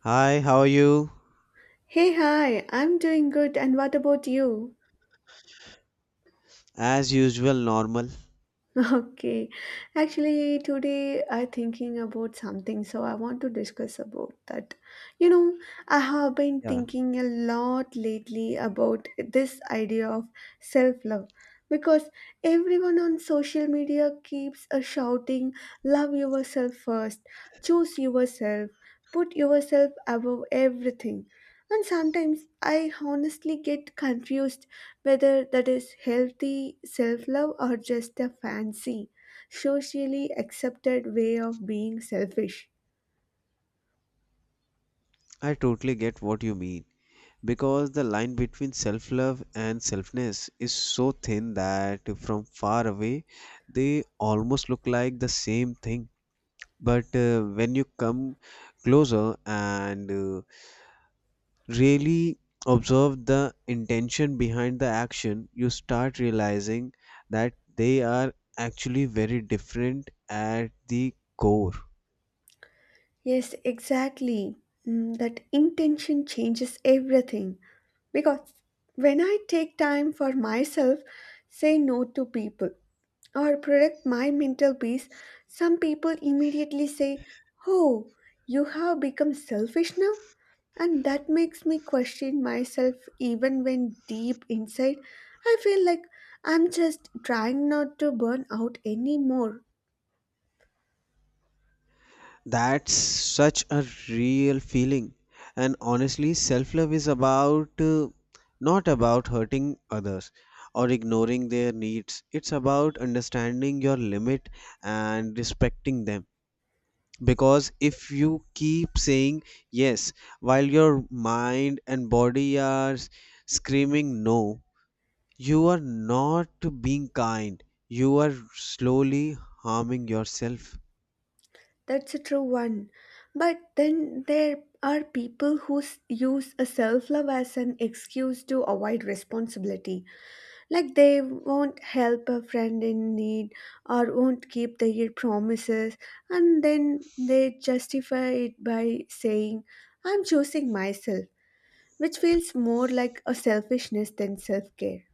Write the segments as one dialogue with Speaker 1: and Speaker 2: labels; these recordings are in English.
Speaker 1: Hi, how are you?
Speaker 2: Hey, hi, I'm doing good, and what about you?
Speaker 1: As usual, normal.
Speaker 2: Okay, actually, today I'm thinking about something, so I want to discuss about that. You know, I have been
Speaker 1: Yeah,
Speaker 2: thinking a lot lately about this idea of self love because everyone on social media keeps shouting, Love yourself first, choose yourself, put yourself above everything. And sometimes I honestly get confused whether that is healthy self love or just a fancy, socially accepted way of being selfish.
Speaker 1: I totally get what you mean. Because the line between self love and selfness is so thin that from far away they almost look like the same thing. But when you come closer and really observe the intention behind the action, you start realizing that they are actually very different at the core.
Speaker 2: Yes, exactly. Mm, that intention changes everything because when I take time for myself, say no to people, or protect my mental peace, some people immediately say, Oh, you have become selfish now? And that makes me question myself even when deep inside I feel like I'm just trying not to burn out anymore.
Speaker 1: That's such a real feeling. And honestly, self love is about not about hurting others or ignoring their needs. It's about understanding your limit and respecting them. Because if you keep saying yes while your mind and body are screaming no, you are not being kind. You are slowly harming yourself.
Speaker 2: That's a true one. But then there are people who use a self love as an excuse to avoid responsibility. Like they won't help a friend in need or won't keep their promises, and then they justify it by saying, I'm choosing myself which feels more like a selfishness than self care.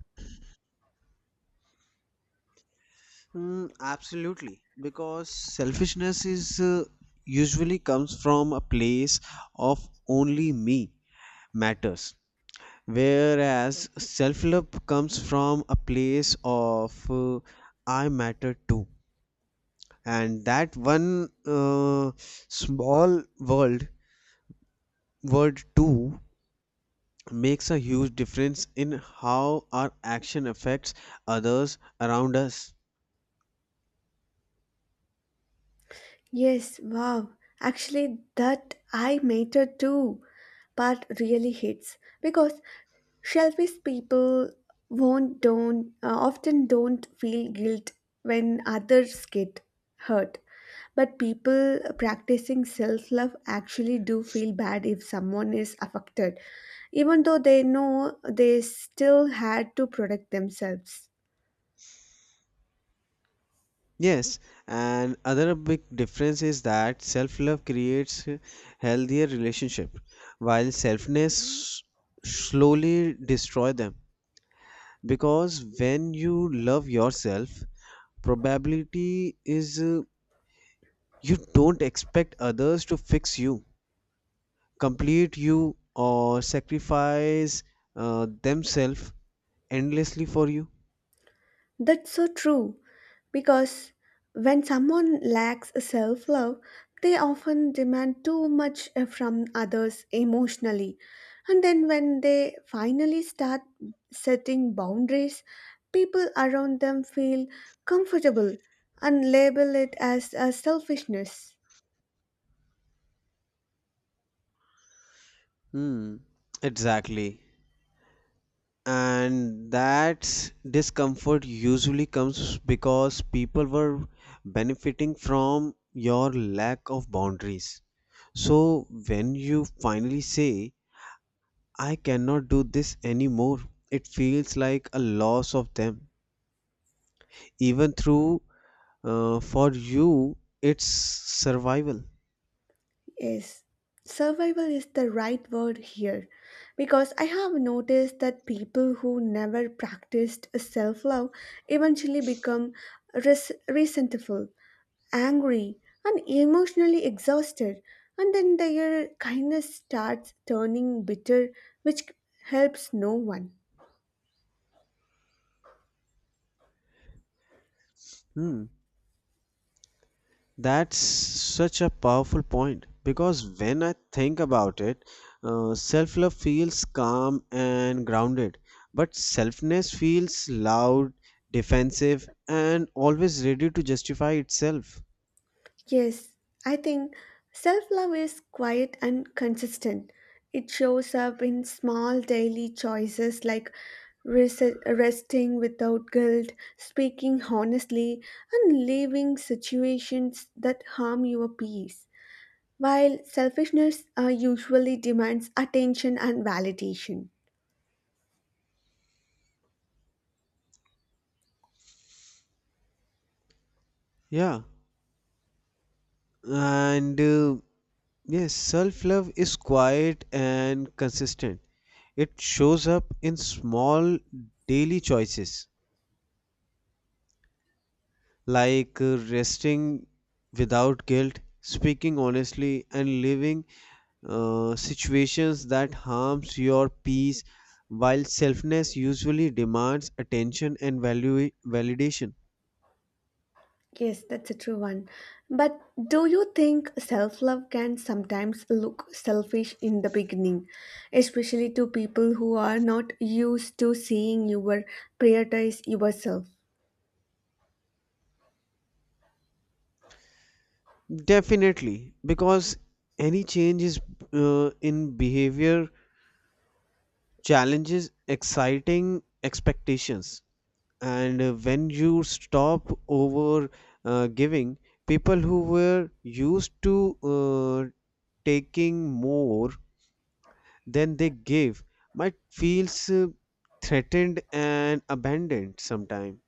Speaker 1: Absolutely, because selfishness is usually comes from a place of only me matters, whereas self-love comes from a place of I matter too, and that one uh, small world word too makes a huge difference in how our action affects others around us.
Speaker 2: Yes, wow. Actually, that I matter too part really hits because selfish people won't don't often don't feel guilt when others get hurt but people practicing self-love actually do feel bad if someone is affected even though they know they still had to protect themselves.
Speaker 1: Yes, and other big difference is that self-love creates a healthier relationship, while selfness slowly destroy them. Because when you love yourself, probability is you don't expect others to fix you, complete you, or sacrifice themselves endlessly for you.
Speaker 2: That's so true because when someone lacks self love, they often demand too much from others emotionally. And then, when they finally start setting boundaries, people around them feel comfortable and label it as a selfishness.
Speaker 1: Hmm, exactly. And that discomfort usually comes because people were benefiting from your lack of boundaries, so when you finally say I cannot do this anymore, it feels like a loss of them, even through for you it's survival.
Speaker 2: Yes, survival is the right word here because I have noticed that people who never practiced self love eventually become resentful, angry, and emotionally exhausted, and then their kindness starts turning bitter, which helps no one.
Speaker 1: Hmm. That's such a powerful point because when I think about it, self love feels calm and grounded, but selfness feels loud, defensive, and always ready to justify itself.
Speaker 2: Yes, I think self love is quiet and consistent. It shows up in small daily choices like resting without guilt, speaking honestly, and leaving situations that harm your peace. While selfishness usually demands attention and validation.
Speaker 1: Yeah, and yes, self love is quiet and consistent. It shows up in small daily choices like resting without guilt, speaking honestly, and living situations that harms your peace, while selfness usually demands attention and value validation.
Speaker 2: Yes, that's a true one. But do you think self love can sometimes look selfish in the beginning, especially to people who are not used to seeing you prioritize yourself?
Speaker 1: Definitely, because any change is in behavior challenges exciting expectations, and when you stop over giving, people who were used to taking more than they gave might feels threatened and abandoned sometime.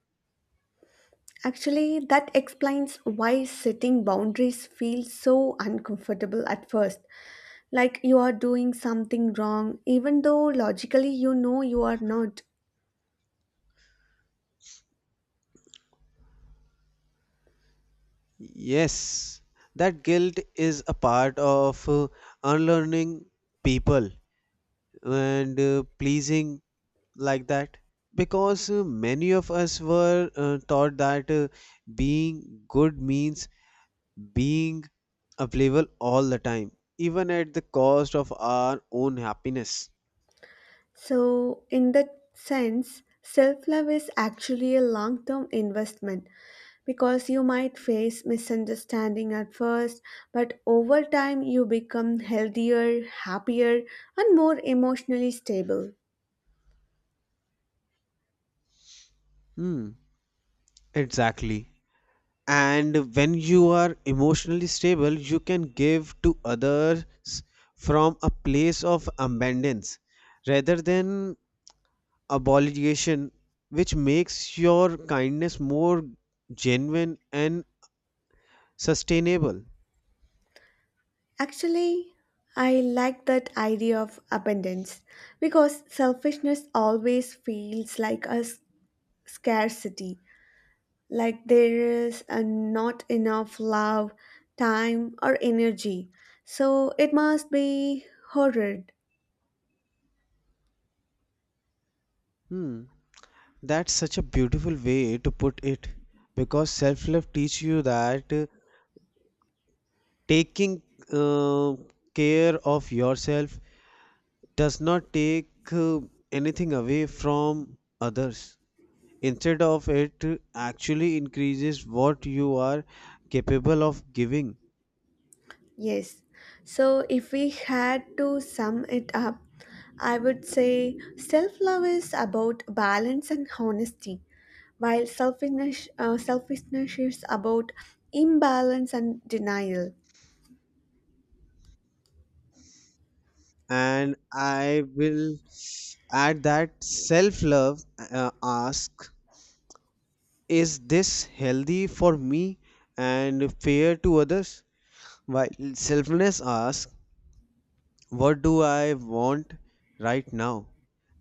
Speaker 2: Actually, that explains why setting boundaries feels so uncomfortable at first, like you are doing something wrong, even though logically you know you are not.
Speaker 1: Yes, that guilt is a part of unlearning people and pleasing like that, because many of us were taught that being good means being available all the time, even at the cost of our own happiness.
Speaker 2: So, in that sense, self love is actually a long term investment because you might face misunderstanding at first, but over time you become healthier, happier, and more emotionally stable.
Speaker 1: Hmm, exactly. And when you are emotionally stable, you can give to others from a place of abundance rather than obligation, which makes your kindness more genuine and sustainable.
Speaker 2: Actually, I like that idea of abundance because selfishness always feels like a scarcity, like there is not enough love, time, or energy. So it must be horrid.
Speaker 1: Hmm. That's such a beautiful way to put it, because self-love teaches you that taking uh, care of yourself does not take anything away from others. Instead of it, actually increases what you are capable of giving.
Speaker 2: Yes. So if we had to sum it up, I would say self love is about balance and honesty while selfishness, selfishness is about imbalance and denial.
Speaker 1: And I will add that self love ask, is this healthy for me and fair to others, while selflessness asks, what do I want right now,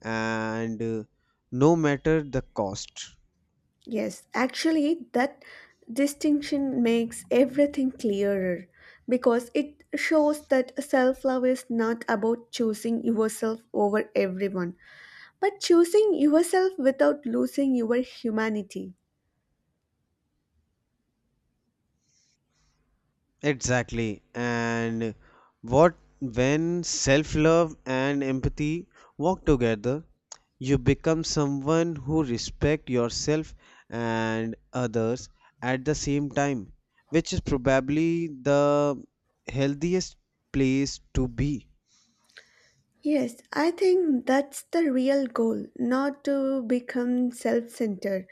Speaker 1: and no matter the cost.
Speaker 2: Yes, actually, that distinction makes everything clearer because it shows that self love is not about choosing yourself over everyone, but choosing yourself without losing your humanity.
Speaker 1: Exactly. And what when self love and empathy walk together, you become someone who respect yourself and others at the same time, which is probably the healthiest place to be.
Speaker 2: Yes, I think that's the real goal, not to become self centered,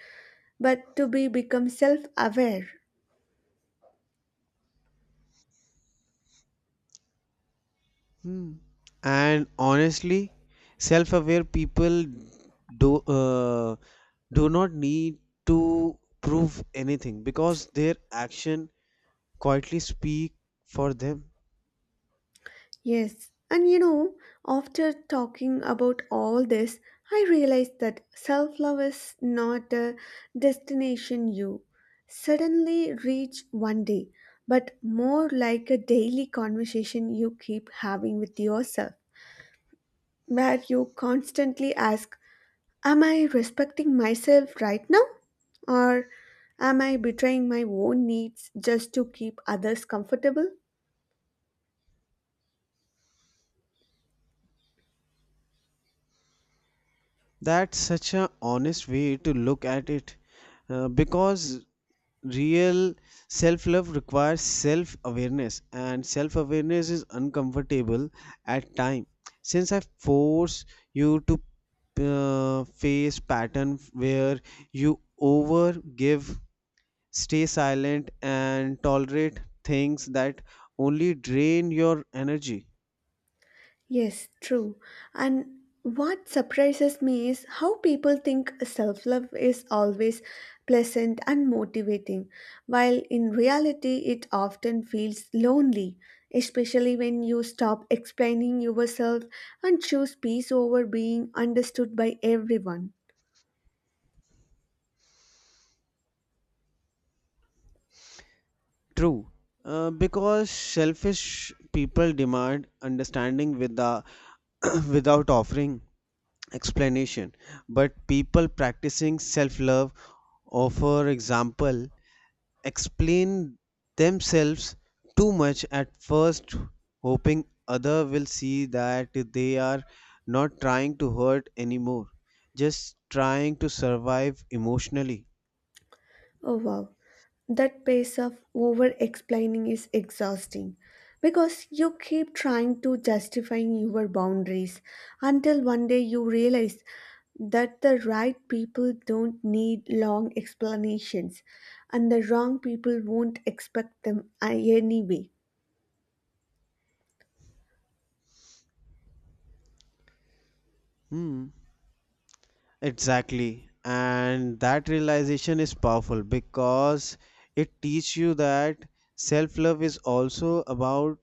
Speaker 2: but to be become self aware.
Speaker 1: Hmm. And honestly, self-aware people do uh, do not need to prove anything because their action quietly speak for them.
Speaker 2: Yes, and you know, after talking about all this, I realized that self love is not a destination you suddenly reach one day, but more like a daily conversation you keep having with yourself, where you constantly ask, Am I respecting myself right now? Or am I betraying my own needs just to keep others comfortable?
Speaker 1: That's such an honest way to look at it, because real self love requires self awareness, and self awareness is uncomfortable at time, since I force you to face pattern where you over give, stay silent, and tolerate things that only drain your energy.
Speaker 2: Yes, true. And what surprises me is how people think self love is always pleasant and motivating, while in reality it often feels lonely, especially when you stop explaining yourself and choose peace over being understood by everyone.
Speaker 1: True, because selfish people demand understanding with the, without offering explanation. But people practicing self love, or for example, explain themselves too much at first, hoping other will see that they are not trying to hurt anymore, just trying to survive emotionally.
Speaker 2: Oh wow, that pace of over explaining is exhausting because you keep trying to justify your boundaries until one day you realize that the right people don't need long explanations and the wrong people won't expect them anyway.
Speaker 1: Hmm. Exactly. And that realization is powerful because it teaches you that self love is also about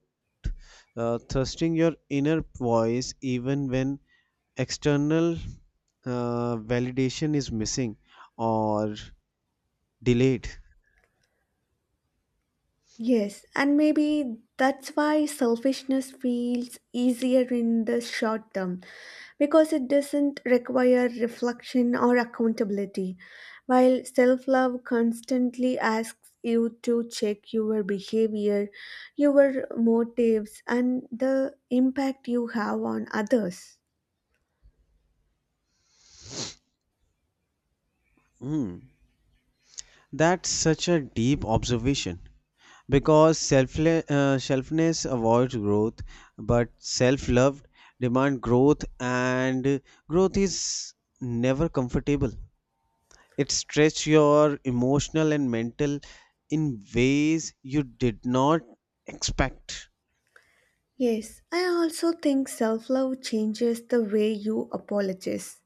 Speaker 1: trusting your inner voice even when external validation is missing or delayed.
Speaker 2: Yes, and maybe that's why selfishness feels easier in the short term because it doesn't require reflection or accountability, while self love constantly asks you to check your behavior, your motives, and the impact you have on others.
Speaker 1: Hmm. That's such a deep observation because selfness avoids growth, but self love demand growth, and growth is never comfortable. It stretches your emotional and mental in ways you did not expect.
Speaker 2: Yes, I also think self love changes the way you apologize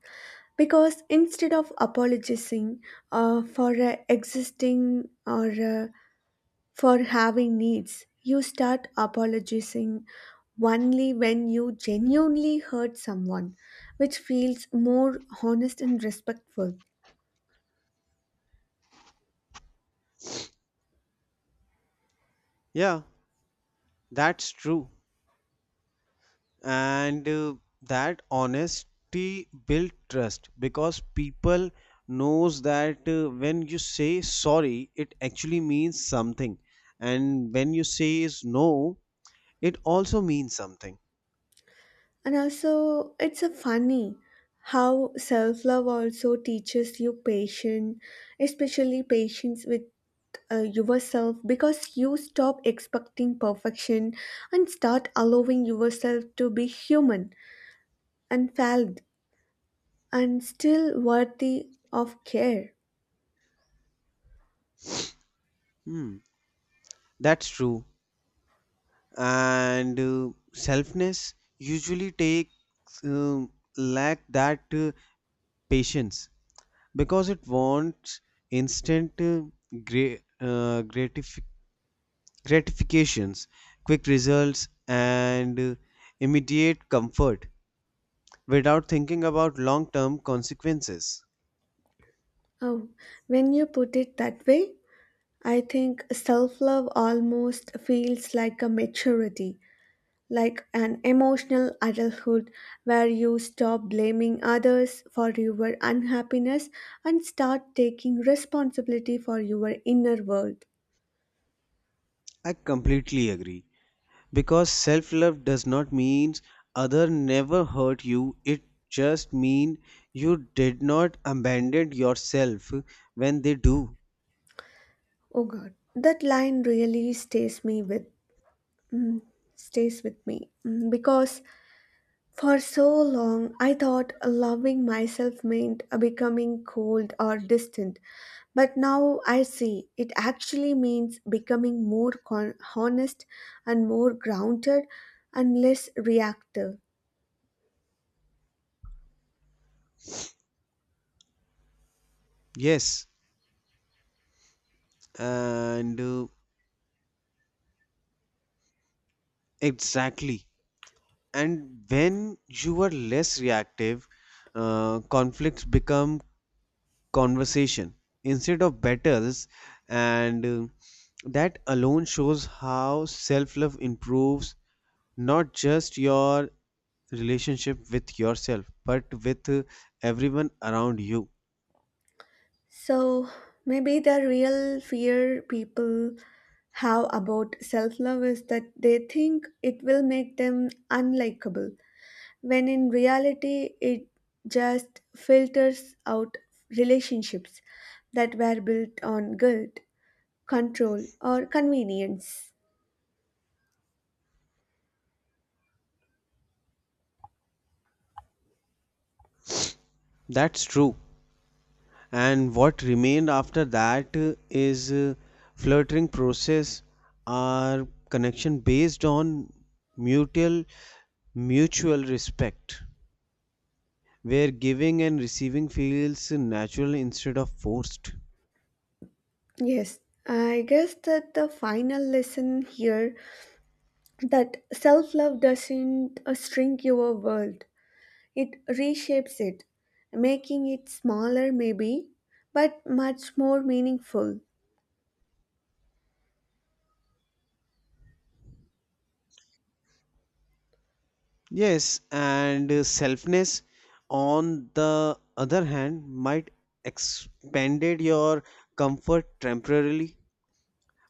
Speaker 2: because instead of apologizing for existing or for having needs you start apologizing only when you genuinely hurt someone which feels more honest and respectful.
Speaker 1: Yeah, that's true. And that honesty built trust because people knows that when you say sorry, it actually means something, and when you say is no, it also means something.
Speaker 2: And also it's a funny how self-love also teaches you patience especially patience with yourself because you stop expecting perfection and start allowing yourself to be human and valid and still worthy of care.
Speaker 1: Hmm, that's true. And selfness usually takes lack that patience because it wants instant gra- uh, gratification gratifications, quick results, and immediate comfort without thinking about long term consequences.
Speaker 2: Oh, when you put it that way, I think self love almost feels like a maturity, like an emotional adulthood where you stop blaming others for your unhappiness and start taking responsibility for your inner world.
Speaker 1: I completely agree because self love does not mean other never hurt you, it just means you did not abandon yourself when they do.
Speaker 2: Oh God, that line really stays with me. Mm, because for so long I thought loving myself meant becoming cold or distant, but now I see it actually means becoming more honest and more grounded and less reactive.
Speaker 1: Yes, and exactly. And when you are less reactive, conflicts become conversation instead of battles, and that alone shows how self love improves not just your relationship with yourself but with everyone around you.
Speaker 2: So maybe the real fear people have about self love is that they think it will make them unlikable when in reality it just filters out relationships that were built on guilt, control, or convenience.
Speaker 1: That's true, and what remained after that is flirting process or connection based on mutual mutual respect where giving and receiving feels natural instead of forced.
Speaker 2: Yes, I guess that the final lesson here that self-love doesn't shrink your world. It reshapes it, making it smaller maybe, but much more meaningful.
Speaker 1: Yes, and selfness, on the other hand, might expanded your comfort temporarily,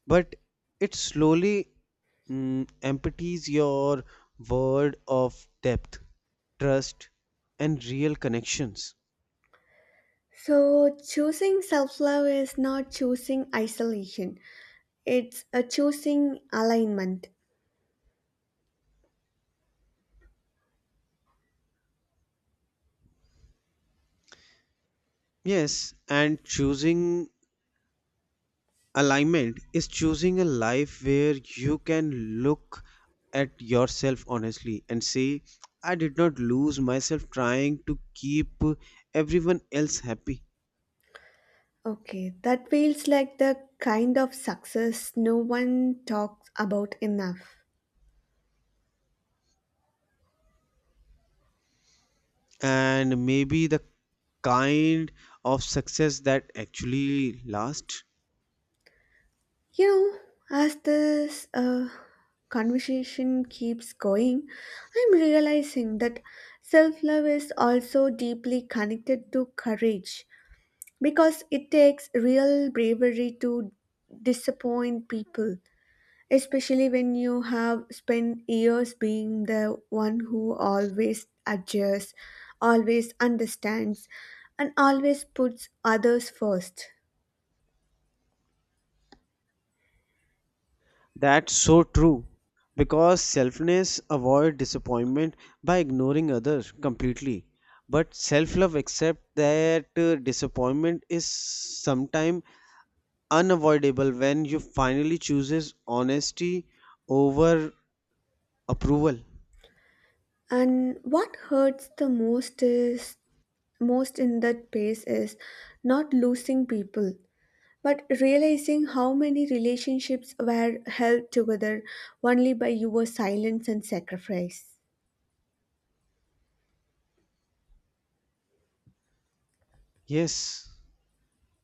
Speaker 1: but it slowly empties your world of depth, trust, and real connections.
Speaker 2: So choosing self-love is not choosing isolation. It's a choosing alignment.
Speaker 1: Yes, and choosing alignment is choosing a life where you can look at yourself honestly and say, I did not lose myself trying to keep everyone else happy.
Speaker 2: Okay, that feels like the kind of success no one talks about enough.
Speaker 1: And maybe the kind of success that actually lasts.
Speaker 2: You know, as this conversation keeps going, I'm realizing that self love is also deeply connected to courage because it takes real bravery to disappoint people especially when you have spent years being the one who always adjusts, always understands, and always puts others first.
Speaker 1: That's so true because selfness avoid disappointment by ignoring others completely, but self love accept that disappointment is sometimes unavoidable when you finally chooses honesty over approval.
Speaker 2: And what hurts the most is most in that pace is not losing people, but realizing how many relationships were held together only by your silence and sacrifice.
Speaker 1: Yes,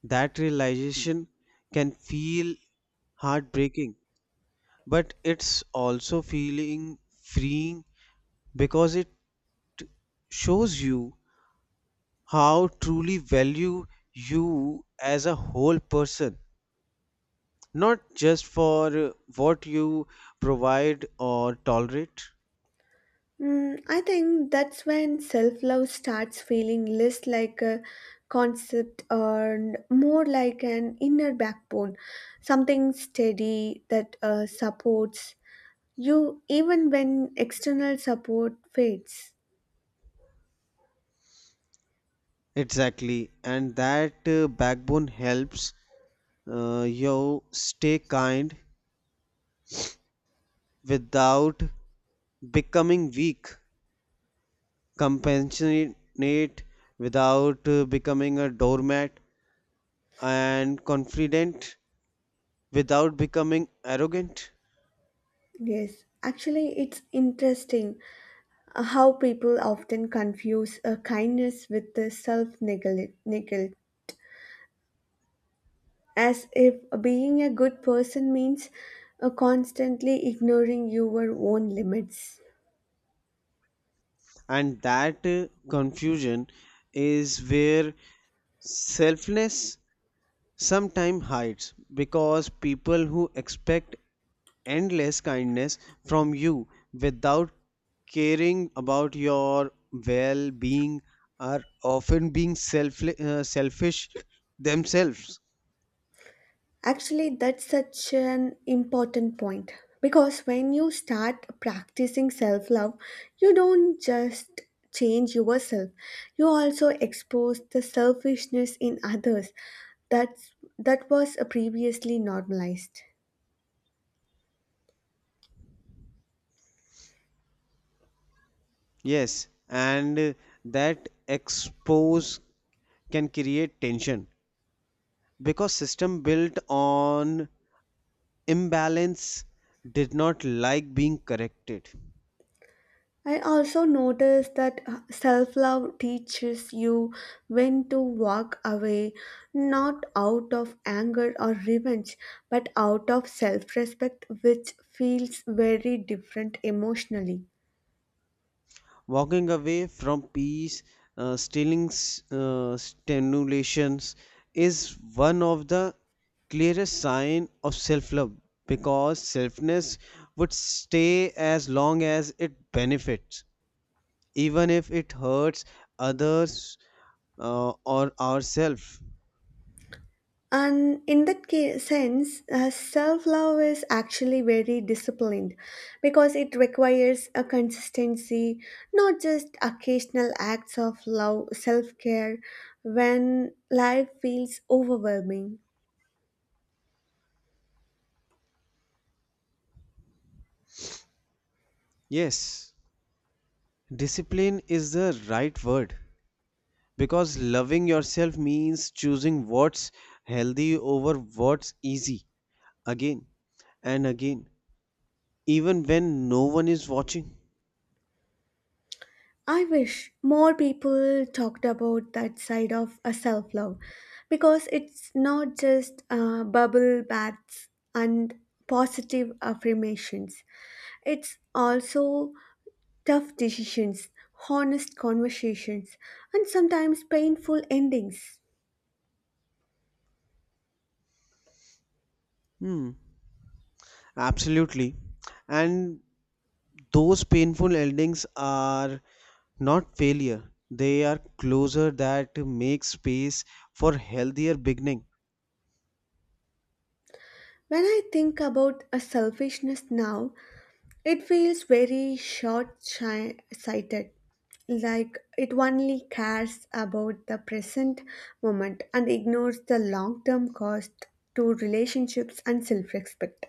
Speaker 1: that realization can feel heartbreaking, but it's also feeling freeing because it shows you how truly value you as a whole person, not just for what you provide or tolerate.
Speaker 2: Mm, I think that's when self love starts feeling less like a concept and more like an inner backbone, something steady that supports you even when external support fades.
Speaker 1: Exactly, and that backbone helps you stay kind without becoming weak, compassionate without becoming a doormat, and confident without becoming arrogant.
Speaker 2: Yes, actually, it's interesting how people often confuse kindness with the self neglect, as if being a good person means constantly ignoring your own limits.
Speaker 1: And that confusion is where selflessness sometimes hides, because people who expect endless kindness from you without caring about your well being are often being selfish themselves.
Speaker 2: Actually, that's such an important point because when you start practicing self love, you don't just change yourself, you also expose the selfishness in others that was previously normalized.
Speaker 1: Yes, and that expose can create tension because system built on imbalance did not like being corrected.
Speaker 2: I also noticed that self love teaches you when to walk away, not out of anger or revenge, but out of self respect, which feels very different emotionally.
Speaker 1: Walking away from peace, stealing stimulations is one of the clearest sign of self-love, because selfness would stay as long as it benefits, even if it hurts others or ourselves.
Speaker 2: And in that sense, self love is actually very disciplined because it requires a consistency, not just occasional acts of love, self care when life feels overwhelming.
Speaker 1: Yes, discipline is the right word because loving yourself means choosing what's healthy over what's easy again and again, even when no one is watching.
Speaker 2: I wish more people talked about that side of a self love because it's not just bubble baths and positive affirmations. It's also tough decisions, honest conversations, and sometimes painful endings.
Speaker 1: Hmm, absolutely. And those painful endings are not failure. They are closer that make space for healthier beginning.
Speaker 2: When I think about a selfishness now, it feels very sighted, like it only cares about the present moment and ignores the long term cost to relationships and self respect.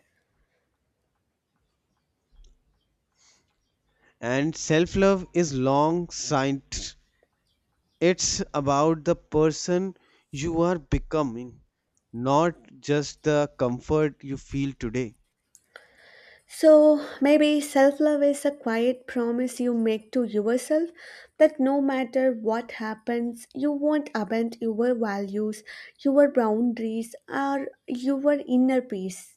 Speaker 1: And self-love is long sight. It's about the person you are becoming, not just the comfort you feel today.
Speaker 2: So maybe self love is a quiet promise you make to yourself that no matter what happens, you won't abandon your values, your boundaries, or your inner peace.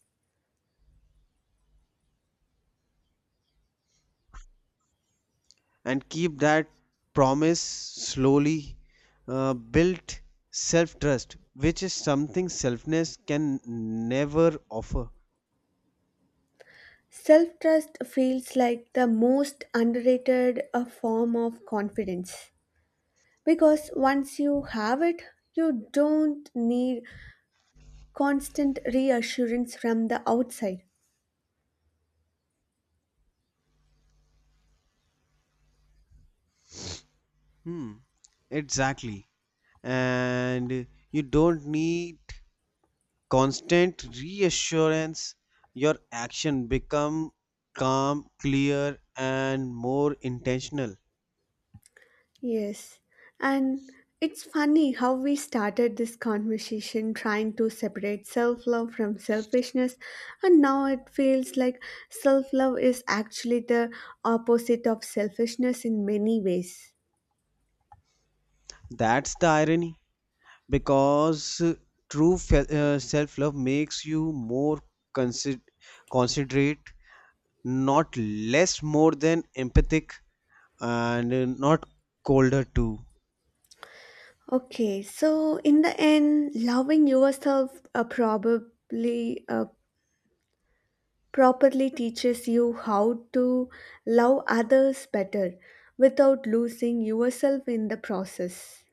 Speaker 1: And keep that promise slowly built self trust, which is something selfness can never offer.
Speaker 2: Self trust feels like the most underrated form of confidence because once you have it, you don't need constant reassurance from the outside.
Speaker 1: Hmm, exactly. And you don't need constant reassurance. Your action become calm, clear, and more intentional.
Speaker 2: Yes, and it's funny how we started this conversation trying to separate self love from selfishness, and now it feels like self love is actually the opposite of selfishness in many ways.
Speaker 1: That's the irony because self-love makes you more consider- considerate, not less, more than empathic, and not colder too.
Speaker 2: Okay, so in the end, loving yourself probably properly teaches you how to love others better without losing yourself in the process.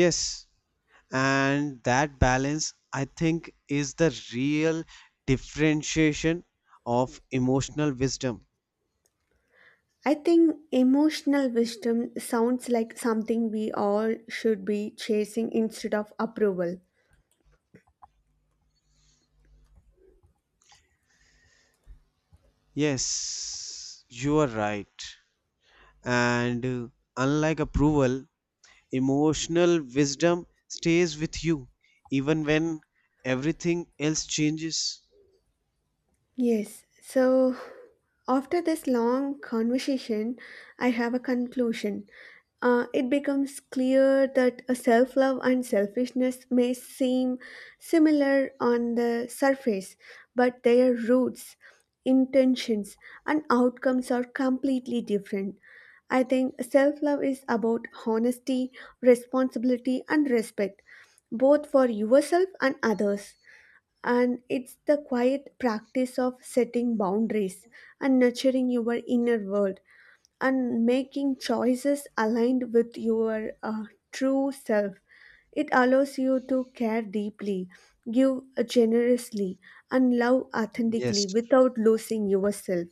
Speaker 1: Yes, and that balance, I think, is the real differentiation of emotional wisdom.
Speaker 2: I think emotional wisdom sounds like something we all should be chasing instead of approval.
Speaker 1: Yes, you are right. And unlike approval, emotional wisdom stays with you even when everything else changes.
Speaker 2: Yes, so after this long conversation, I have a conclusion. It becomes clear that a self love and selfishness may seem similar on the surface, but their roots, intentions, and outcomes are completely different. I think self love is about honesty, responsibility, and respect, both for yourself and others and it's the quiet practice of setting boundaries and nurturing your inner world and making choices aligned with your true self. It allows you to care deeply, give generously, and love authentically
Speaker 1: Yes,
Speaker 2: without losing yourself.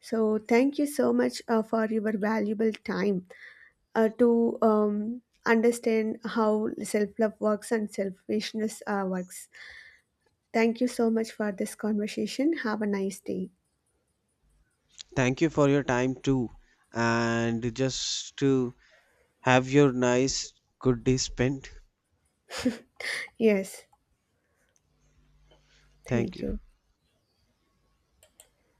Speaker 2: So, thank you so much for your valuable time to understand how self love works and selfishness works. Thank you so much for this conversation. Have a nice day.
Speaker 1: thank you for your time too, and just to have your nice good day spent.
Speaker 2: Yes,
Speaker 1: Thank
Speaker 2: thank
Speaker 1: you.
Speaker 2: you.